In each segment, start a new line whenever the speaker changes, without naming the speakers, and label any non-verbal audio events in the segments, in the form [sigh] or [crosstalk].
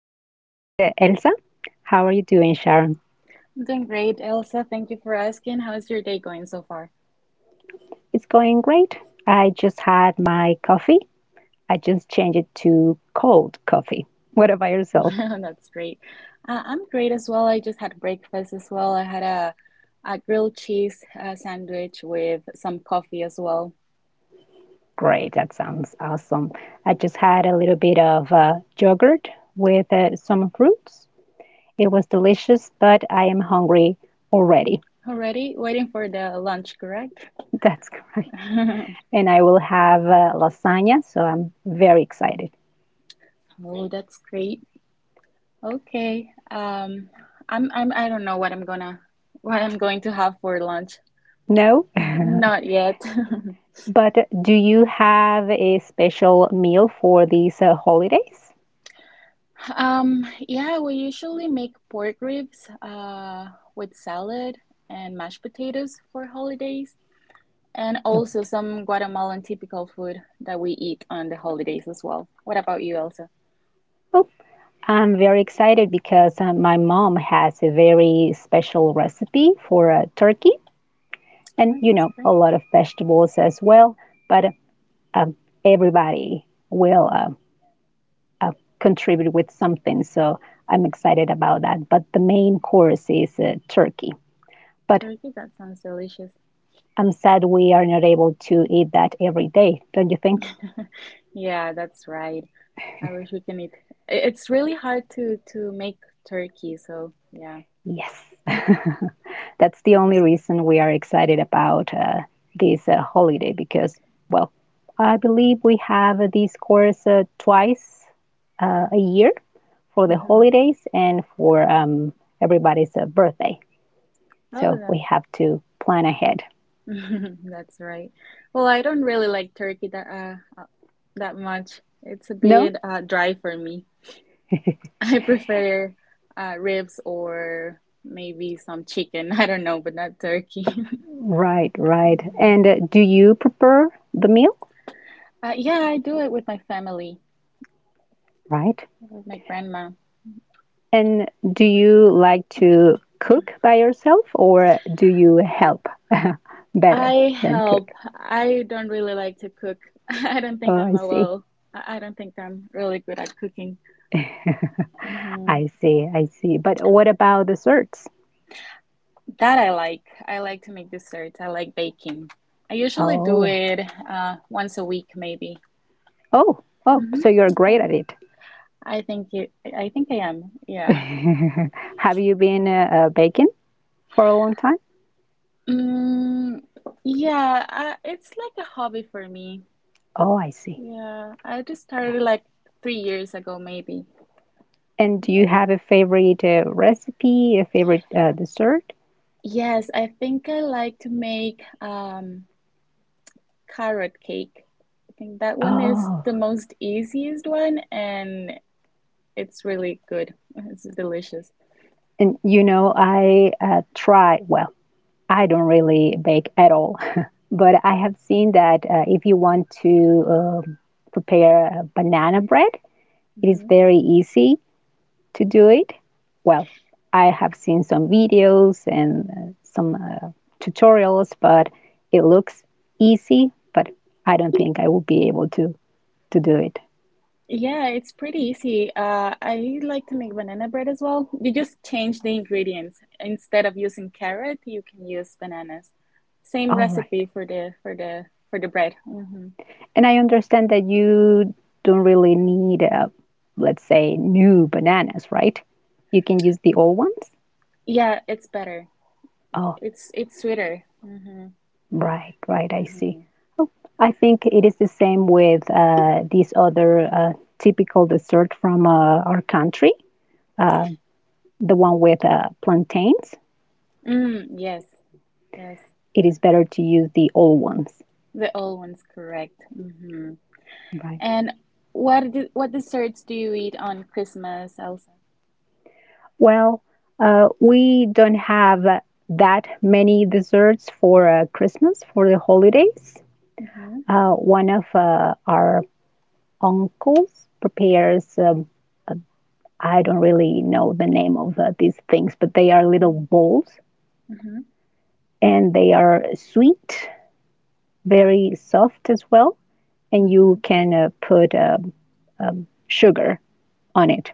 is Elsa. How are you doing, Sharon?
I'm doing great, Elsa. Thank you for asking. How's your day going so far?
It's going great. I just had my coffee. I just changed it to cold coffee. What about yourself?
[laughs] That's great. I'm great as well. I just had breakfast as well. I had a grilled cheese sandwich with some coffee as well.
Great, that sounds awesome. I just had a little bit of yogurt with some fruits. It was delicious, but I am hungry already.
Already waiting for the lunch, correct?
[laughs] That's great.
[laughs]
And I will have lasagna, so I'm very excited.
Oh, that's great. Okay. I'm I don't know what I'm gonna what I'm going to have for lunch.
No? [laughs]
Not yet. [laughs]
But do you have a special meal for these holidays?
Yeah, we usually make pork ribs with salad and mashed potatoes for holidays, and also some Guatemalan typical food that we eat on the holidays as well. What about you, Elsa?
Oh, I'm very excited because my mom has a very special recipe for turkey and,
Oh,
you
that's
know, a
great.
lot of vegetables as well. But um, everybody will uh, contribute with something. So I'm excited about that. But the main course is turkey. But
Turkey, that sounds delicious.
I'm sad we are not able to eat that every day, don't you think?
[laughs] Yeah, that's right. I wish we can eat. It's really hard to make turkey, so yeah.
Yes. [laughs] That's the only reason we are excited about this holiday because, well, I believe we have this course twice a year for the
Hmm.
holidays and for everybody's birthday. So we
Oh,
have to plan ahead.
[laughs] that's right. Well, I don't really like turkey uh, that much. It's a
No?
bit dry for me. [laughs] I prefer ribs or maybe some chicken. [laughs] I don't know, but not turkey. [laughs]
Right, right.
Yeah.
And do you prepare the meal?
Yeah, I do it with my family,
Right.
with my grandma.
And do you like to cook by yourself or do you help [laughs] better
I
than
help.
cook?
I don't really like to cook. [laughs] I don't think
Oh,
I'm
I
a
see.
well. I I don't think I'm really good at cooking. Mhm.
I see, I see. But what about the certs?
That I like. I like to make desserts. I like baking. I usually do
Oh,
it once a week, maybe.
oh, oh, so you're great
Mm-hmm.
at it.
I think I am. Yeah.
[laughs] Have you been baking for a long time?
Mm, yeah, it's like a hobby for me.
Oh, I see.
Yeah, I just
Got
started
it.
like 3 years ago, maybe.
And do you
Yeah.
have a favorite recipe, a favorite dessert?
Yes, I think I like to make carrot cake. I think that one is
Oh,
the most easiest one, and it's really good. It's delicious.
and I try. Well, I don't really bake at all, [laughs] but I have seen that if you want to um, prepare a banana bread, it is
Hmm.
very easy to do it? Well, I have seen some videos and some tutorials, but it looks easy, but I don't think I will be able to do it.
Yeah, it's pretty easy. I like to make banana bread as well. You just change the ingredients. Instead of using carrot, you can use bananas. Same
All right.
recipe for the bread. Hmm.
And I understand that you don't really need, let's say, new bananas, right? You can use the old ones.
Yeah, it's better.
Oh,
It's sweeter. Hmm.
right, right. I see.
Hmm.
I think it is the same with this other typical dessert from our country. The one with plantains,
Mm, yes, yes.
it is better to use the old ones,
The old one's correct. Hmm.
right?
And what desserts do you eat on Christmas, Elsa?
Well, we don't have that many desserts for Christmas, for the holidays.
Hmm.
One of our uncles prepares, I don't really know the name of these things, but they are little balls
Hmm.
and they are sweet, very soft as well, and you
Hmm.
can put sugar on it.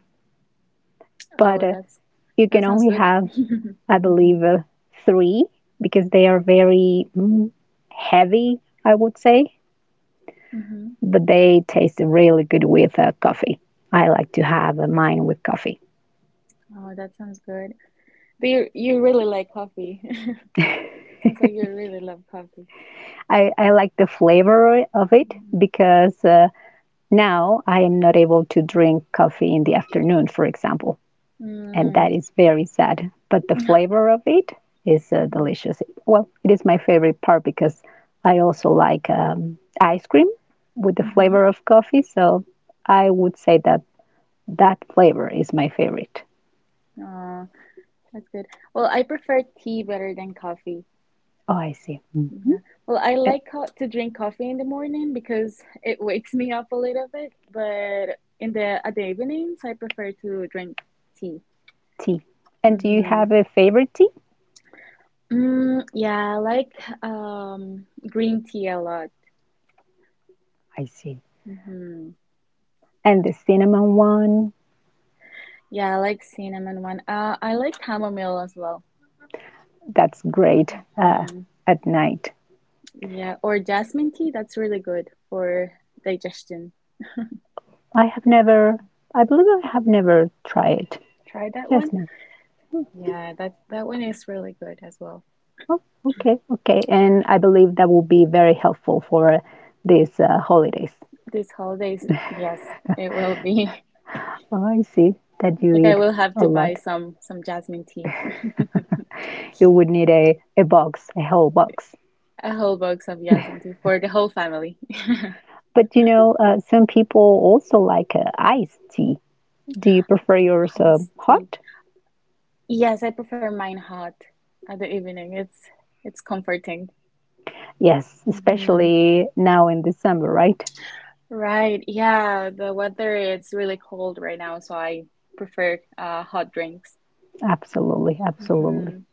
But
Oh, that's
you
that
can
sounds
only
good.
have,
[laughs]
I
Hmm.
believe, three, because they are very heavy, I would say,
Hmm.
but they taste really good with coffee. I like to have mine with coffee.
Oh, that sounds good. But you really like coffee. [laughs] Sounds like you really love coffee.
I like the flavor of it
Mm-hmm.
because now I am not able to drink coffee in the afternoon, for example. And
Mm-hmm.
that is very sad. But the flavor of it is delicious. Well, it is my favorite part because I also like ice cream with the
Mm-hmm.
flavor of coffee. So I would say that that flavor is my favorite.
Oh, that's good. Well, I prefer tea better than coffee.
Oh, I see. Mhm.
Yeah. Well, I
And
like co to drink coffee in the morning because it wakes me up a little bit, but in the at the evenings, I prefer to drink tea.
tea. And do you
Mm-hmm.
have a favorite tea?
Yeah, I like green tea a lot.
I see.
Hmm.
And the cinnamon one,
Yeah, I like cinnamon one. I like chamomile as well.
that's great
Hmm.
at night.
Yeah, or jasmine tea. That's really good for digestion.
I have never, I believe I have never tried it.
Try that one.
Jasmine.
Yeah, that one is really good as well.
Oh, okay, okay. And I believe that will be very helpful for these holidays.
This holidays, yes, it will be. [laughs]
Oh, I see that
I
you
think I
eat
will have
a
to buy
lot.
some jasmine tea,
You would need a box, a whole box.
[laughs] a whole box of jasmine tea for the whole family.
But some people also like iced tea. Do you prefer yours
[laughs] Iced tea.
hot?
Yes, I prefer mine hot at the evening. It's comforting.
Yes,
Mhm.
especially now in December, right?
Right. Yeah, the weather it's really cold right now, so I prefer hot drinks.
Absolutely, absolutely.
Hmm.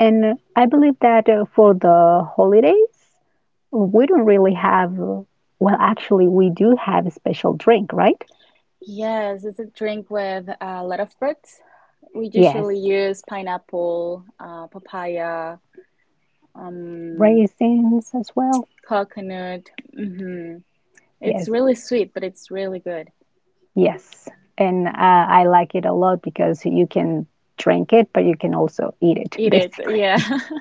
And I believe that for the holidays, we don't really have, well, actually, we do have a special drink, right?
Yes, it's a drink with a lot of fruits. We
Yes,
usually use pineapple, papaya, um,
raisins as well.
coconut. Hmm. It's
Yes,
really sweet, but it's really good.
yes, and I like it a lot because you can drink it, but you can also eat it, [laughs]
Eat it.
basically.
Yeah. [laughs]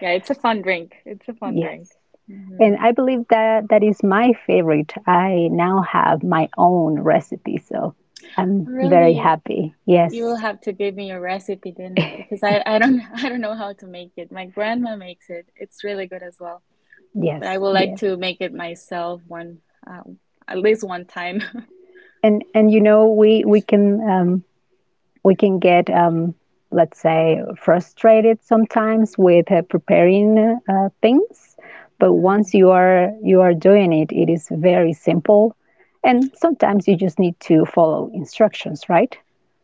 Yeah, it's a fun drink. It's a fun drink.
Yes,
Hmm.
and I believe that that is my favorite. I now have my own recipe, so I'm very
Really,
happy.
you will
Yes,
have to give me your recipe then, because I don't [laughs] I don't know how to make it. My grandma makes it. It's really good as well. But I
yes,
would like
yes,
to make it myself one um, at least one time. [laughs]
and we can. We can get, let's say, frustrated sometimes with preparing things. But
Mhm.
once you are doing it, it is very simple. And sometimes you just need to follow instructions, right?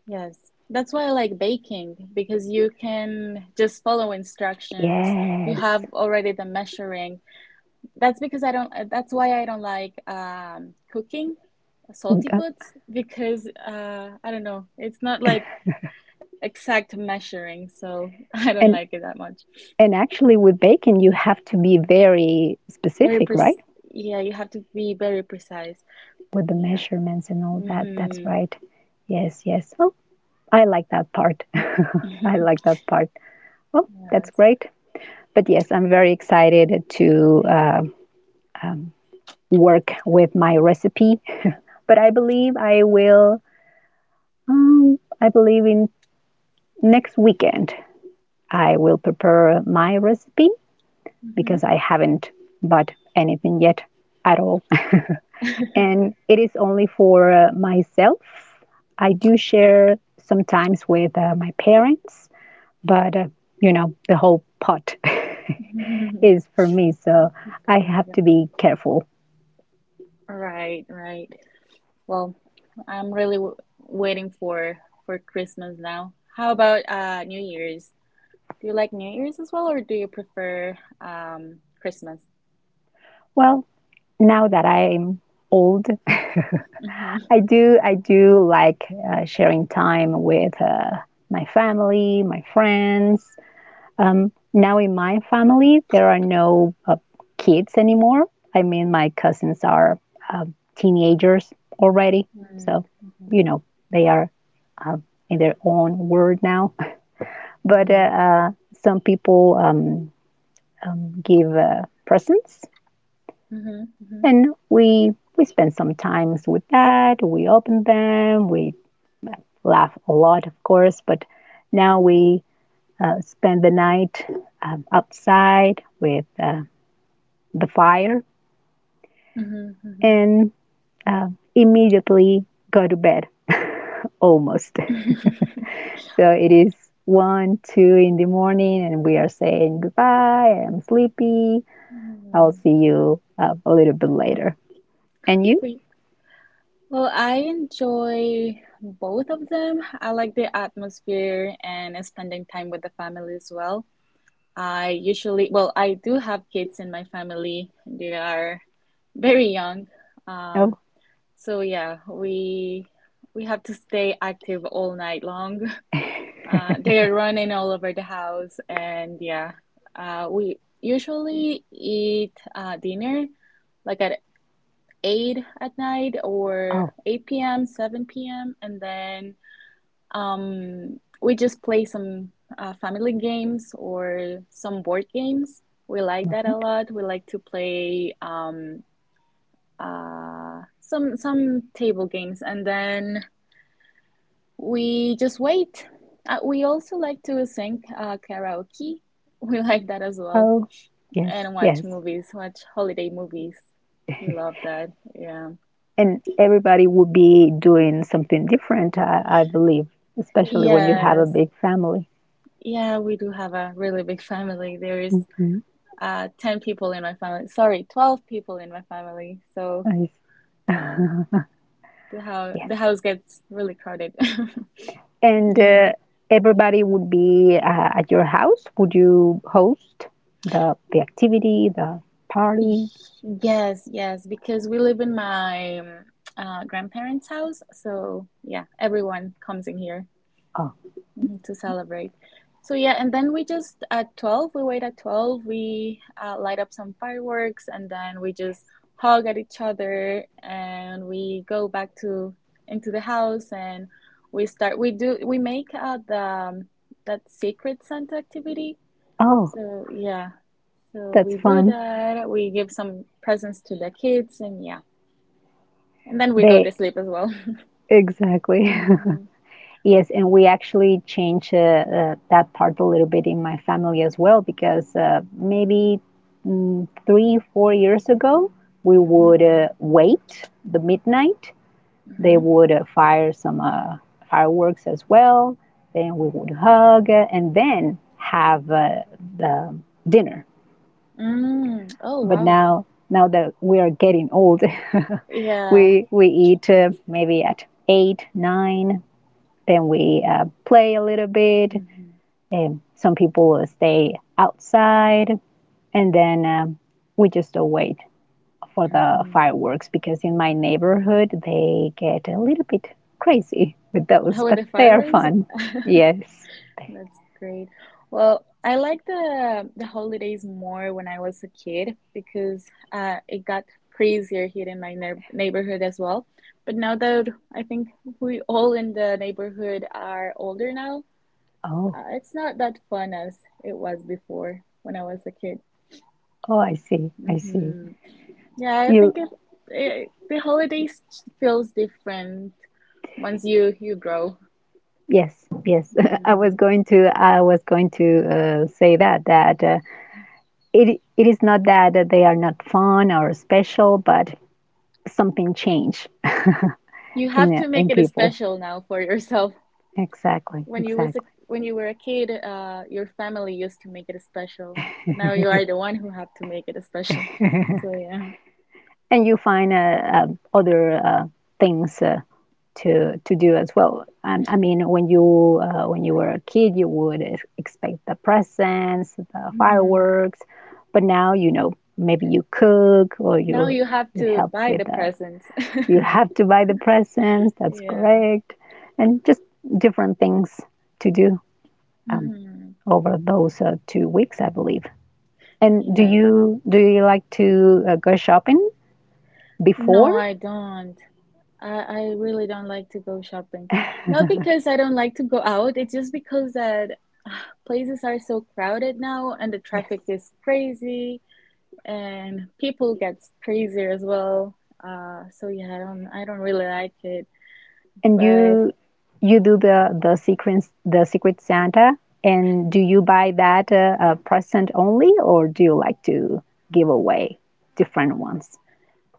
Yes. That's why I like baking because you can just follow instructions. You
Yes.
have already the measuring. That's because I don't, that's why I don't like cooking salty
Uh,
foods because I don't know. It's not like exact measuring, so [laughs] I don't like
And
it that much.
and actually, with baking you have to be very
Very
specific,
pres
right?
yeah, you have to be very precise.
With the
Yeah.
measurements and all that. That's
Mm-hmm.
right. Yes, yes. Oh, I like that part. [laughs] I like
[laughs]
that part. Well, that's
Yes.
great. But yes, I'm very excited to work with my recipe. [laughs] But I believe I will. I believe in next weekend I will prepare my recipe,
Mm-hmm.
because I haven't bought anything yet at all, [laughs] and it is only for myself. I do share sometimes with my parents, but you know the whole pot [laughs] is for me, so
[laughs] It's
I
very
have
good.
to be careful.
Right, right. Well, I'm really w waiting for Christmas now. How about New Year's? Do you like New Year's as well, or do you prefer Christmas?
Well, now that I'm old,
Mm-hmm.
[laughs] I do like sharing time with my family, my friends. Now in my family, there are no kids anymore. I mean, my cousins are teenagers already, so
Mm-hmm.
you know they are um, in their own world now. [laughs] But
Mm-hmm. Mm-hmm.
some people give presents,
Mm-hmm.
and we spend some times with that. We open them. We laugh a lot, of course. But now we spend the night outside with the fire,
Mm-hmm. Mm-hmm.
and uh, immediately go to bed, [laughs] almost. [laughs] So
[laughs]
it is one, two in the morning, and we are saying goodbye. I'm sleepy. I'll
Right.
see you a little bit later. And you?
So, y- well, I enjoy both of them. I like the atmosphere and spending time with the family as well. I usually, well, I do have kids in my family. They are very young. Um,
Oh,
so yeah, we have to stay active all night long.
[laughs]
[laughs]
oh,
They are running all over the house, and yeah, we usually eat dinner like at 8 at night or
all
8 p.m., 7 p.m., and then we just play some family games or some board games. We like that a
right.
lot. We like to play some table games, and then we just wait. We also like to sing karaoke. [laughs] We like that as well,
Oh, yes,
and watch
yes.
movies, watch holiday movies. We love that. Yeah.
And everybody would be doing something different, I believe, especially when you have a
Yes.
big family.
Yeah, we do have a really big family. There is
Hmm,
10 people in my family. Sorry, 12 people in my family. So,
I
yeah,
see. [laughs] Yes.
the house gets really crowded. [laughs]
And
Yeah.
everybody would be at your house. Would you host the activity, the
Y-
party?
Yes, yes, because we live in my grandparents' house. So, yeah, everyone comes in here.
Oh,
Mhm, to celebrate. So yeah, and then we wait at 12, we light up some fireworks and then we just
yes.
hug at each other and we go back to into the house and we start we do we make the that secret Santa activity.
Oh,
So yeah. So
that's
we do
fun.
that. We give some presents to the kids and yeah. And then we go
They
to sleep as well. [laughs]
exactly. [laughs]
Hmm.
Yes, and we actually change that part a little bit in my family as well, because maybe three, 4 years ago, we
Hmm.
would wait the midnight. They
Hmm.
would fire some fireworks as well. Then we would hug, and then have the dinner.
Mm. Oh
But
wow.
now that we are getting old, [laughs]
Yeah.
we eat maybe at eight, nine. Then we play a little bit,
Hmm.
some people will stay outside, and then we just wait for the
Hmm.
fireworks, because in my neighborhood they get a little bit crazy with those,
Oh, with
but
the
they are
fireworks?
fun.
[laughs]
Yes. They-
That's great. Well, I like the holidays more when I was a kid because it got crazier here in my neighborhood as well. But now that I think we all in the neighborhood are older now,
Oh,
it's not that fun as it was before when I was a kid.
oh, I see. I see.
Hmm. Yeah, I
You.
think the holidays feels different once you grow.
Yes, yes. [laughs] I was
Mm-hmm.
going to. I was going to say that that it is not that they are not fun or special, but something changed
You
[laughs]
have
in
to make it a
people.
special now for yourself.
Exactly,
When
exactly.
when you were a kid, your family used to make it a special, but now you are the one who have to make it a special. So yeah.
And you find other things to do as well. I mean, when you were a kid, you would expect the presents, the
Hmm.
fireworks, but now maybe you cook, or
Now
you
you have
you
to
help,
buy
with
the
the
presents. [laughs]
you have to buy the presents. That's
Yeah.
correct, and just different things to do
Hmm.
over those 2 weeks, I believe. And do
Yes.
you do you like to go shopping
No,
before?
I don't. I really don't like to go shopping. Not because I don't like to go out, it's just because that ah, places are so crowded now and the
Yes.
traffic is crazy and people get crazier as well. So yeah, I don't really like it.
And
But
you do the sequence, the Secret Santa, and do you buy that present only, or do you like to give away different ones?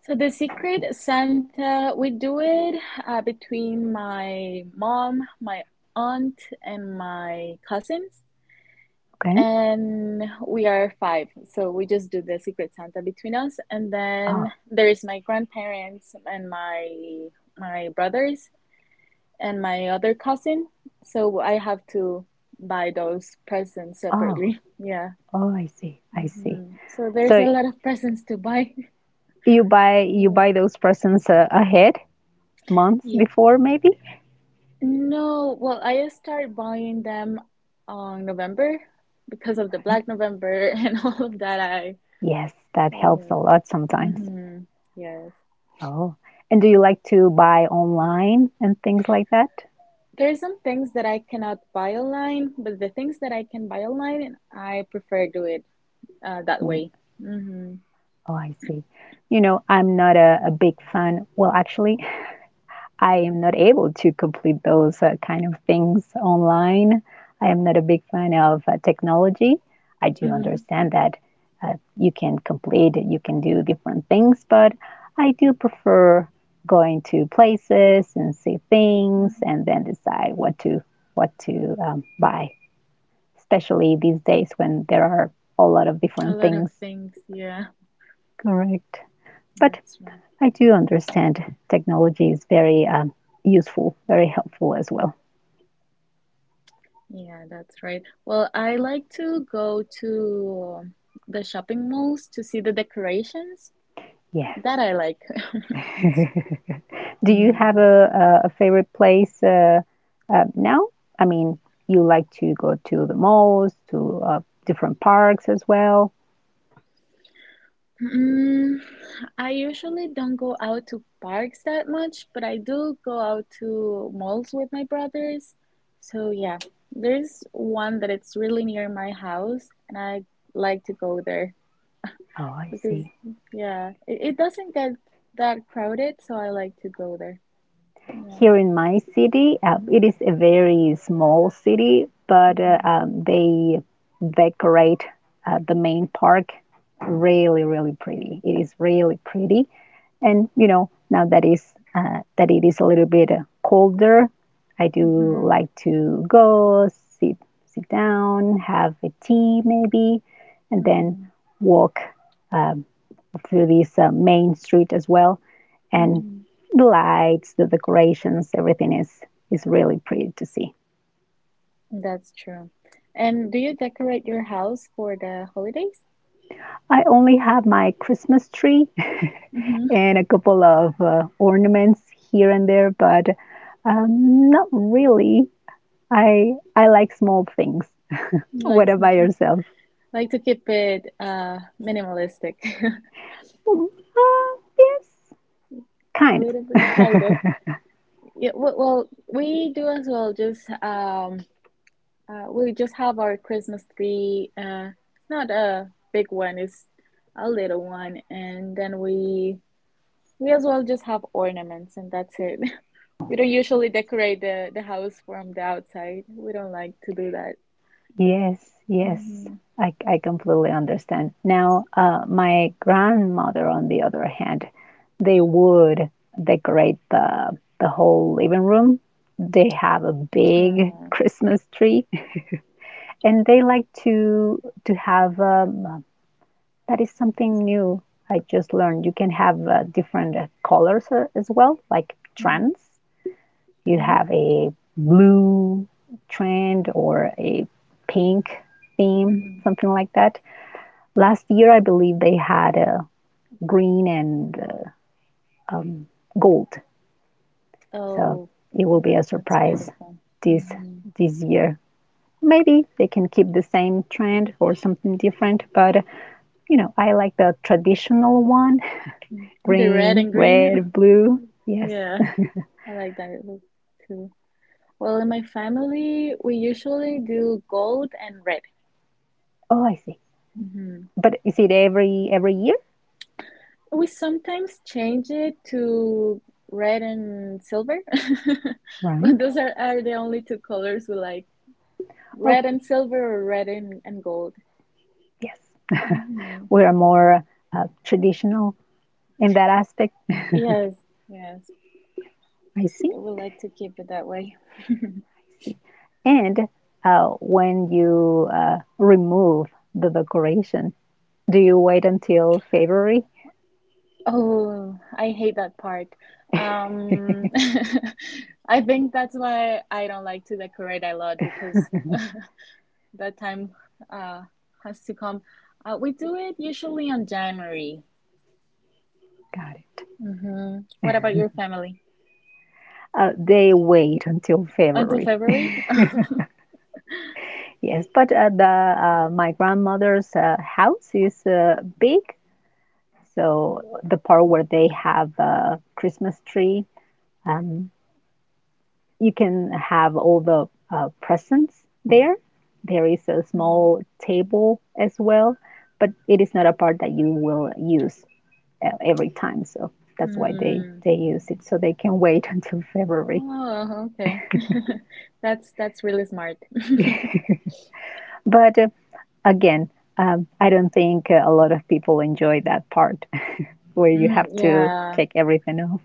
so the Secret Santa, we do it between my mom, my aunt, and my cousins.
Okay.
And we are five, so we just do the Secret Santa between us. And then
Oh,
there's my grandparents and my brothers and my other cousin. So I have to buy those presents
oh,
separately. [laughs] Yeah.
oh! I see. I see.
Hmm. So there's a
So
lot of presents to buy. [laughs]
you buy you
Yeah.
buy those presents ahead, months
Yeah.
before, maybe.
No, well, I start buying them on November because of the
Right.
Black November [laughs] and all of that. I,
Yes, that helps
yeah.
a lot sometimes.
Mm-hmm. Yes.
Oh, and do you like to buy online and things like that?
There's some things that I cannot buy online, but the things that I can buy online, I prefer do it that way. Mm-hmm.
Oh, I see. I'm not a, big fan. Well, actually, I am not able to complete those kind of things online. I am not a big fan of technology. I do
Mm-hmm.
understand that you can complete, you can do different things, but I do prefer going to places and see things and
Mm-hmm.
then decide what to buy, especially these days when there are a lot of
A
different
lot of
things.
things, yeah,
Correct. But
that's right.
I do understand technology is very useful, very helpful as well.
Yeah, that's right. Well, I like to go to the shopping malls to see the decorations.
Yes.
That I like. [laughs]
Do you have
Mm.
a favorite place now? I mean, you like to go to the malls, to different parks as well.
Mm, I usually don't go out to parks that much, but I do go out to malls with my brothers. So yeah, there's one that it's really near my house, and I like to go there
Oh, I
because
see.
yeah, it doesn't get that crowded, so I like to go there. Yeah.
Here in my city, it is a very small city, but
Mm-hmm.
they decorate the main park really, really pretty. It is really pretty. And you know, now that is that it is a little bit colder, I do
Mm-hmm.
like to go sit sit down, have a tea maybe, and then
Mm-hmm.
walk um, through this main street as well. And
Mm-hmm.
the lights, the decorations, everything is really pretty to see.
That's true. And do you decorate your house for the holidays?
I only have my Christmas tree [laughs]
Mm-hmm.
and a couple of ornaments here and there, but not really I like small things.
Like
What about
smoking.
yourself?
Like to keep it minimalistic. [laughs]
Yes,
A
kind
little bit,
of.
kind of.
[laughs]
Yeah, well, we do as well. Just we just have our Christmas tree. Not a big one, it's a little one, and then we as well just have ornaments, and that's it. We don't usually decorate the house from the outside. We don't like to do that.
Yes, yes,
Mm-hmm.
I completely understand. Now, my grandmother, on the other hand, they would decorate the whole living room. They have a big
Oh.
Christmas tree, [laughs] and they like to have That is something new I just learned. You can have different colors as well, like
Mm-hmm.
trends. You
Mm-hmm.
have a blue trend or a pink theme,
Mm-hmm.
something like that. Last year, I believe they had green and gold. So
Oh,
it will be a
that's
surprise
beautiful.
this
Mm-hmm.
this year. Maybe they can keep the same trend or something different, but you know, I like the traditional one,
Mm-hmm. The red
green,
and green.
red, blue.
[laughs]
Yes.
Yeah,
[laughs]
I like that look too. Well, in my family, we usually do gold and red.
Oh, I see.
Mm-hmm.
But is it every year?
We sometimes change it to red and silver, [laughs] but
Right.
those are the only two colors we like.
Oh,
Red and silver or red and gold?
yes.
Hmm.
We are more traditional in that aspect.
Yes, yes.
I see.
I would like to keep it that way.
I see. And when you remove the decoration, do you wait until February?
Oh, I hate that part. Um, [laughs] I think that's why I don't like to decorate a lot because that time uh has to come. We do it usually on January.
Got it.
Hmm What about your family?
They wait until
Until
February.
February? [laughs]
Yes, but the my grandmother's house is big. So the part where they have a Christmas tree, you can have all the presents there. There is a
Mm.
small table as well, but it is not a part that you will use every time. So that's why they
Mm.
they use it so they can [laughs] wait until February.
Oh, okay. [laughs] That's really smart.
But again, I don't think a lot of people enjoy that part [laughs] where you
Mm,
have to
yeah.
take everything off,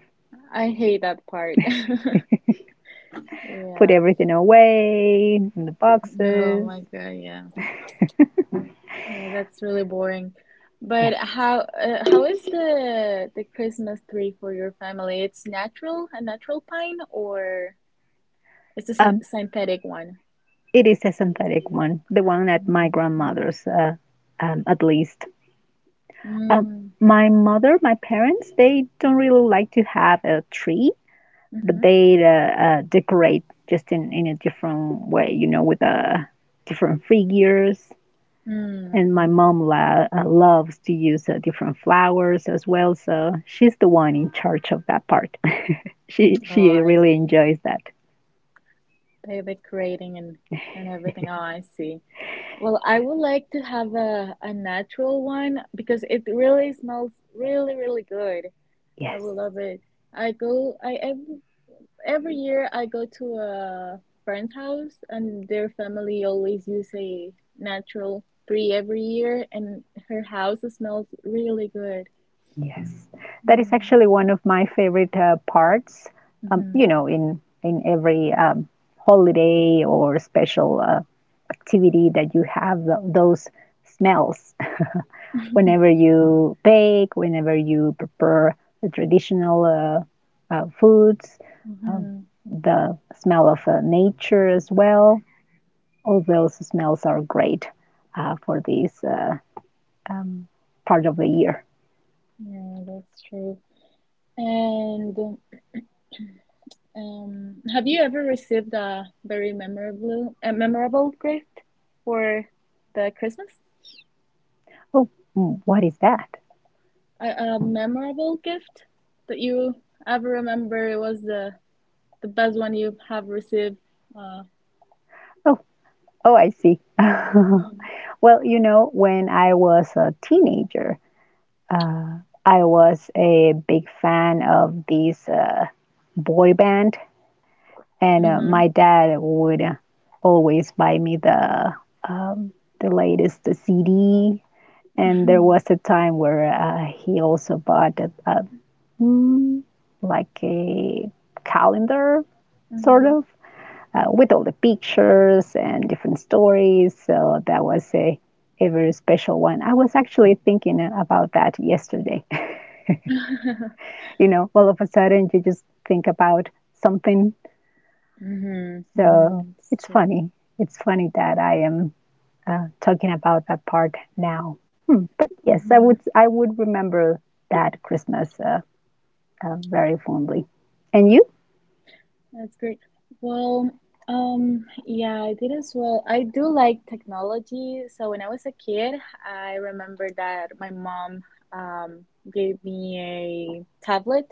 I hate that part. [laughs]
put
Yeah.
everything away in the
Oh
boxes.
my God. Yeah. Yeah, that's really boring.
Yes.
But how is the Christmas tree for your family? It's natural, a natural pine, or it's a sy-
Um,
synthetic one?
It is a synthetic one, the one at my
Mm-hmm.
grandmother's, at least. Um,
Mm-hmm.
my mother, my parents, they don't really like to have a tree, but
Mm-hmm.
they decorate just in a different way, you know, with different figures. And my
Mm-hmm.
mom loves to use different flowers as well, so she's the one in charge of that part. [laughs] she
Oh,
she
I
really
see.
enjoys that.
They're decorating and everything. Oh, I see. Well, I would like to have a natural one because it really smells really, really good. I
Yes.
will love it. I go, I every year I go to a friend's house and their family always use a natural tree every year and her house smells really good.
Yes, that is
Mm,
actually one of my favorite parts.
mm-hmm,
You know, in every holiday or special activity that you have those smells. [laughs] Whenever you bake, whenever you prepare the traditional foods, um,
mm-hmm.
the smell of nature as well. All those smells are great for this um, part of the year.
Yeah, that's true. And have you ever received a memorable gift for the Christmas?
Oh, mm, what is that?
A memorable gift that you ever remember was the best one you have received. Uh,
Oh, oh, I see.
[laughs]
[laughs]
hmm
Well, you know, when I was a teenager, uh, I was a big fan of these boy band, and my
hmm
dad would always buy me um, the latest CD. And there was a time where he also bought a, mm, like a calendar, sort
hmm
of, with all the pictures and different stories. So that was a very special one. I was actually thinking about that yesterday. [laughs] You know, all of a sudden you just think about something.
hmm
So
[laughs] It's
it's
true.
funny. It's funny that I am talking about that part now. Hmm. But yes, I would
Hmm
I would remember that Christmas very fondly. And you?
That's great. Well, yeah, I did as well. I do like technology. So when I was a kid, I remember that my mom um gave me a tablet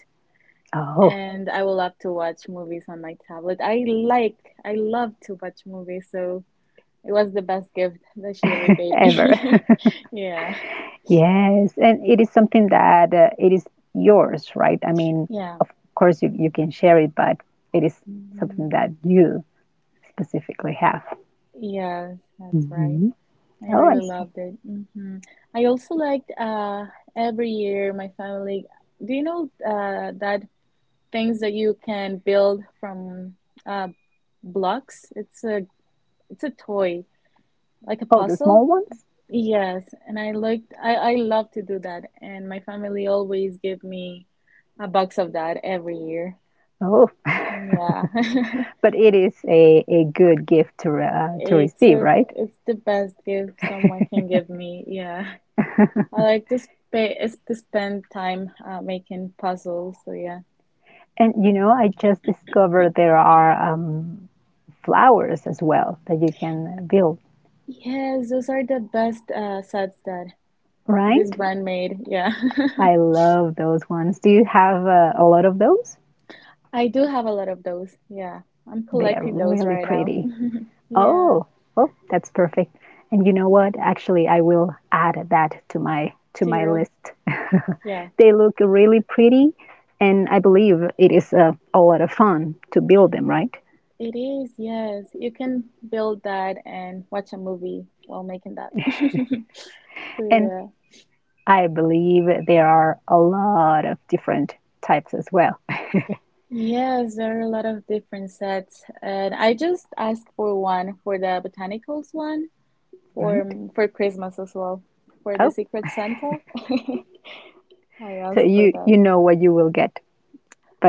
Oh,
and I would love to watch movies on my tablet. I love to watch movies, so it was the best gift that she ever gave
ever.
me.
[laughs]
[laughs] Yeah.
Yes, and it is something that it is yours, right? I mean,
Yeah.
of course you can share it, but it is something
hmm
that you specifically have.
Yes, that's right.
Hmm.
I
Oh, I
really
see.
loved it. Hmm I also liked every year my family. Do you know that things that you can build from uh blocks? It's a toy, like a
Oh, the small
puzzle.
ones?
Yes, and I liked I love to do that, and my family always give me a box of that every year.
Oh, [laughs]
Yeah. [laughs]
but it is a good gift to, to
It's
receive,
a
right?
it's the best gift someone can give me. Yeah. I like to spend time making puzzles. So yeah.
And you know, I just discovered there are flowers as well that you can build,
Yes, those are the best sets that this
right?
brand made. Yeah.
I love those ones. Do you have a lot of those?
[laughs] I do have a lot of those. Yeah. I'm
They are
collecting those
really
right now.
pretty.
[laughs] Yeah.
Oh, well, that's perfect. And you know
To
what? Actually, I will add that to my
your
list. [laughs]
yeah.
They look really pretty, and I believe it is a lot of fun to build them, right?
It is. Yes. You can build that and watch a movie while making that. [laughs] So
And
yeah.
I believe there are a lot of different types as well,
Yes, there are a lot of different sets, and I just asked for one for the botanicals one
[laughs] right?
for Christmas as well for the
Oh,
Secret Santa. [laughs] I
so
asked for
you
that.
know what you will get,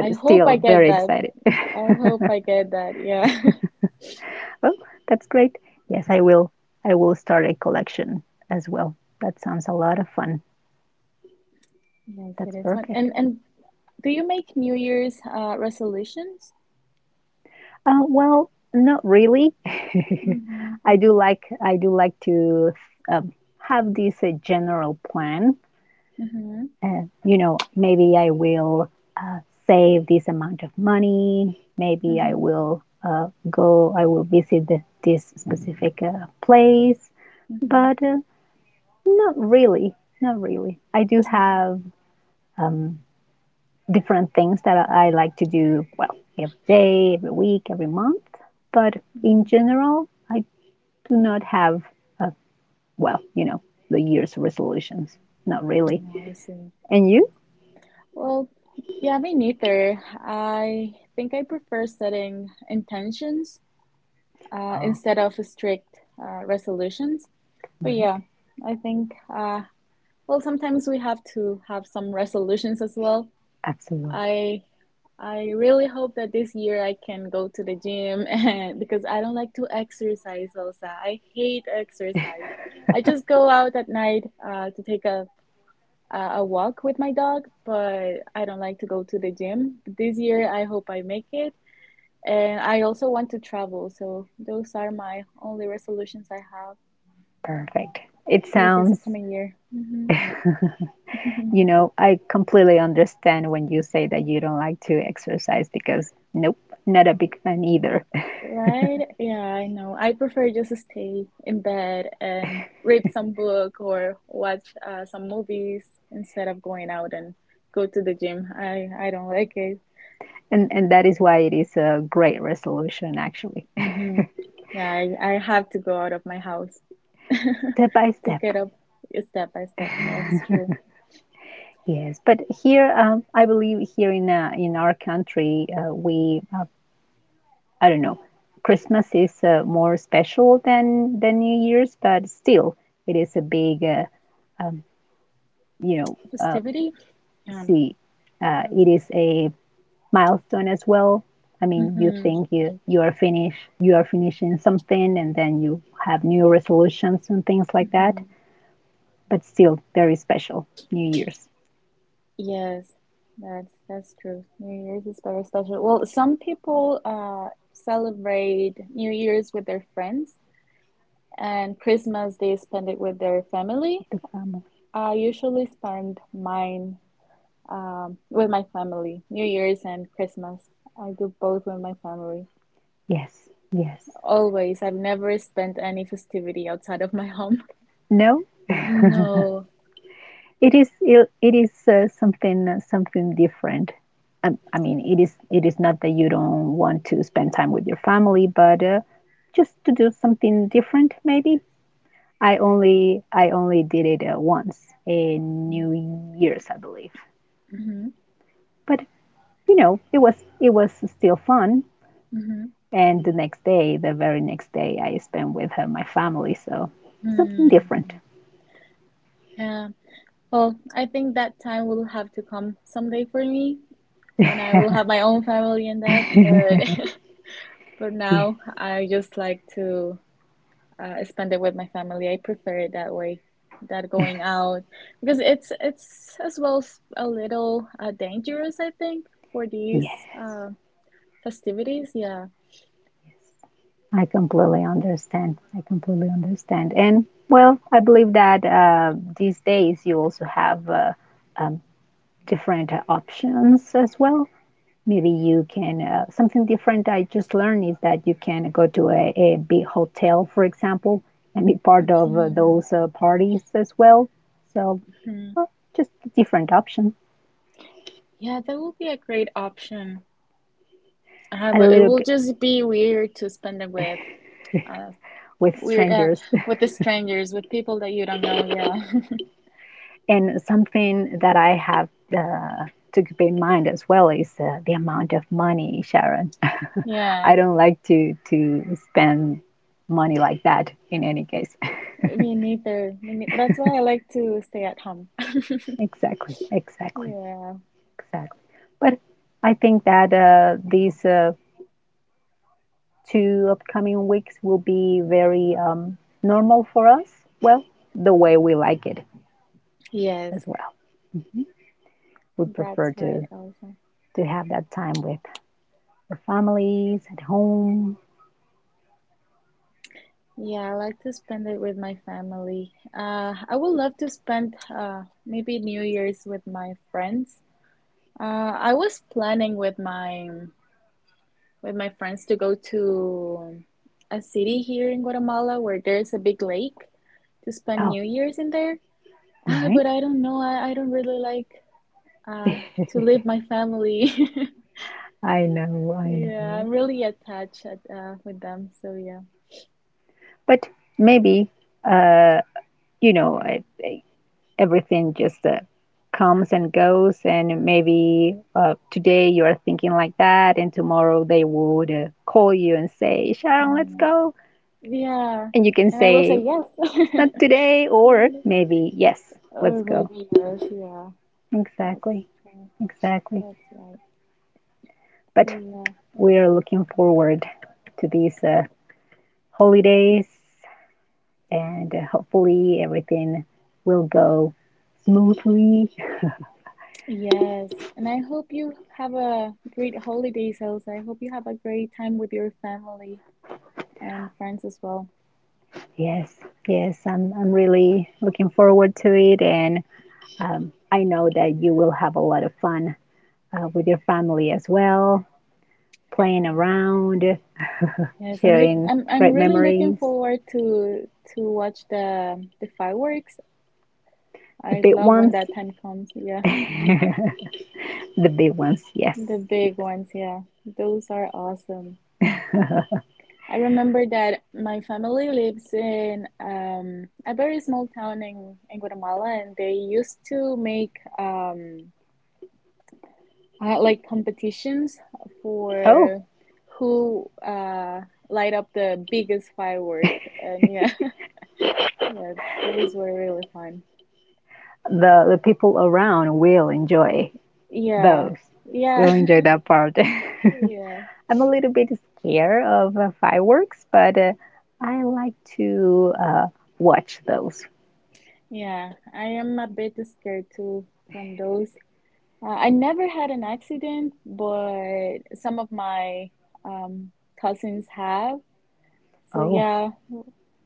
I hope I
still
get
very
that.
excited.
I
[laughs]
hope I get that. Yeah. [laughs]
Oh, that's great. Yes, I will. I will start a collection as well. That sounds a lot of fun.
Yes, it
That's
is fun.
perfect.
And do you make New Year's resolutions?
Well, not really.
Mm-hmm,
[laughs] I do
mm-hmm,
like I do like to um, have this general plan.
mm-hmm,
You know, maybe I will uh, save this amount of money. Maybe I
mm-hmm,
will go. I will visit this specific place.
mm-hmm,
But not really. Not really. I do
mm-hmm,
have Um, different things that I like to do, well, every day, every week, every month. But in
mm-hmm.
general, I do not have a, well, you know, the year's resolutions. Not really.
Oh, I see.
And you?
Well, yeah, me neither. I think I prefer setting intentions
Oh,
instead of strict resolutions. But
right.
yeah, I think, well, sometimes we have to have some resolutions as well.
Absolutely.
I I really hope that this year I can go to the gym [laughs] and, because I don't like to exercise, Elsa. I hate exercise. I
[laughs]
just go out at night to take a walk with my dog, but I don't like to go to the gym. This year, I hope I make it. And I also want to travel. So those are my only resolutions I have
Perfect. It
for this
sounds,
upcoming year. Hmm
[laughs] you
[laughs]
know, I completely understand when you say that you don't like to exercise because, nope, not a big fan either. [laughs]
Right? Yeah, I know. I prefer just to stay in bed and read some book or watch some movies instead of going out and go to the gym. I don't like it.
And that is why it is a great resolution, actually.
Hmm Yeah, I have to go out of my house.
Step by
[laughs] To
step.
get up step by step. That's true.
Yes, but here, I believe here in our country, we I don't know, Christmas is more special than New Year's, but still, it is a big, um, you know,
Festivity? Yeah.
see, it is a milestone as well. I mean, you
Mm-hmm.
think you are finished, you are finishing something, and then you have new resolutions and things like that.
Mm-hmm.
But still, very special New Year's
Yes, that's true. New Year's is very special. Well, some people celebrate New Year's with their friends, and Christmas they spend it with their family.
with the family.
I usually spend mine with my family. New Year's and Christmas. I do both with my family.
Yes, yes.
Always. I've never spent any festivity outside of my [laughs] home.
No. [laughs]
No.
It is it is something something different. I mean, it is not that you don't want to spend time with your family, but just to do something different, maybe. I only did it once in New Year's, I believe.
Mm-hmm.
But you know, it was still fun.
Mm-hmm.
And the next day, the very next day, I spent with my family, so something
Mm, I
different.
see. Yeah. Well, I think that time will have to come someday for me when I will have my own family and that.
[laughs]
But [laughs] for
Yes,
now, I just like to spend it with my family. I prefer it that way, that going out, because it's as well a little dangerous, I think, for these
yes.
festivities. Yeah.
I completely understand. I completely understand. And well, I believe that these days you also have um, different options as well. Maybe you can, something different I just learned is that you can go to a big hotel, for example, and be part of those parties as well. So,
hmm
well, just a different option,
Yeah, that will be a great option.
a
But it
little
will
bit
just be weird to spend it with uh
with
weird
strangers.
with the strangers, with people that you don't know. Yeah. [laughs]
And something that I have uh, to keep in mind as well is the amount of money, Sharon.
Yeah.
I don't like to spend money like that in any case.
Me neither. Me ne That's why I like to stay at home. [laughs]
[laughs] Exactly, exactly,
Yeah.
exactly. But I think that these two upcoming weeks will be very normal for us. Well, the way we like it
Yes,
as well. We
that's
prefer
right,
to
Elsa.
to have that time with our families at home.
Yeah, I like to spend it with my family. I would love to spend maybe New Year's with my friends. I was planning with my friends to go to a city here in Guatemala where there's a big lake to spend
Oh,
New Year's in there. [laughs] Ah, but
right.
I don't know. I don't really like uh, to leave my family. [laughs]
I know, I
Yeah, I'm
know.
really attached at, with them. So yeah.
But maybe, uh, you know, everything just comes and goes, and maybe today you are thinking like that, and tomorrow they would call you and say, Sharon, let's
Yeah.
go.
Yeah.
And you can
And I will say
say,
yes. [laughs]
not today, or maybe, yes, let's
Or
go.
maybe yes. Yeah. That's
Exactly,
right.
exactly.
That's right. So
But
yeah.
we are looking forward to these holidays and hopefully everything will go smoothly.
Yes, and I hope you have a great holidays, Elsa. I hope you have a great time with your family and friends as well.
Yes, yes, I'm really looking forward to it, and I know that you will have a lot of fun with your family as well, playing around,
Yes, I'm look
sharing
I'm I'm
great
really looking
memories,
forward to watch the fireworks.
the
I
big
love when
ones,
that time comes.
[laughs]
Yeah,
the big ones. Yes.
the big ones, yeah. Those are awesome.
[laughs]
I remember that my family lives in a very small town in Guatemala and they used to make um I like competitions
Oh,
for who light up the biggest firework and yeah [laughs] yeah those were really fun
the people around will enjoy
yeah
those.
yeah
Will enjoy that part.
[laughs] yeah
[laughs] I'm a little bit scared of fireworks, but I like to watch those.
yeah I am a bit scared too from those I never had an accident but some of my um cousins have. So
Oh,
yeah,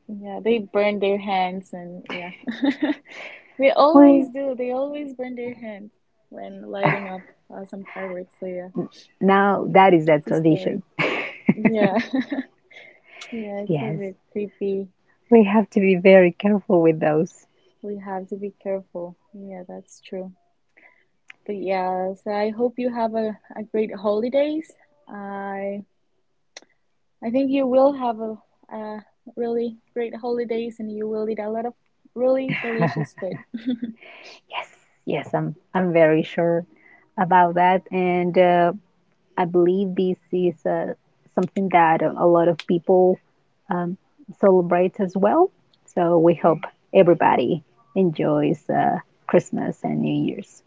yeah, they burn their hands and yeah. [laughs] They always
we,
do. They always burn their hands when lighting up some fireworks. So yeah,
now that is a
it's scary.
tradition.
Yeah. [laughs] Yeah, it's a
Yes.
bit creepy.
We have to be very careful with those.
We have to be careful. Yeah, that's true. But yeah, so I hope you have a great holidays. I I think you will have a really great holidays and you will eat a lot of really delicious food.
Yes, yes, I'm very sure about that, and I believe this is something that a lot of people um, celebrate as well. So we hope
[laughs]
everybody enjoys Christmas and New Year's.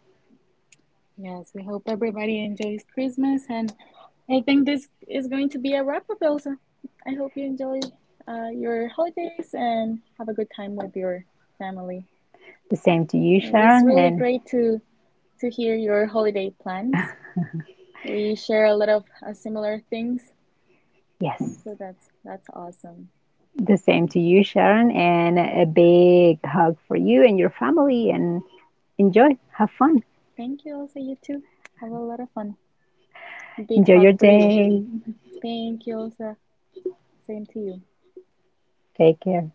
Yes, we hope everybody enjoys Christmas, and I think this is going to be a wrap up, Elsa. I hope you enjoy your holidays and have a good time with your family.
The same to you,
It was
Sharon.
really
And
great to hear your holiday plans. We share a lot of similar things,
yes,
so that's awesome.
the same to you, Sharon. And a big hug for you and your family. And enjoy, have fun,
Thank you, Elsa. You too. Have a lot of fun. Big
enjoy your
hug for you.
day.
[laughs] Thank you, Elsa. Same to you.
Take care.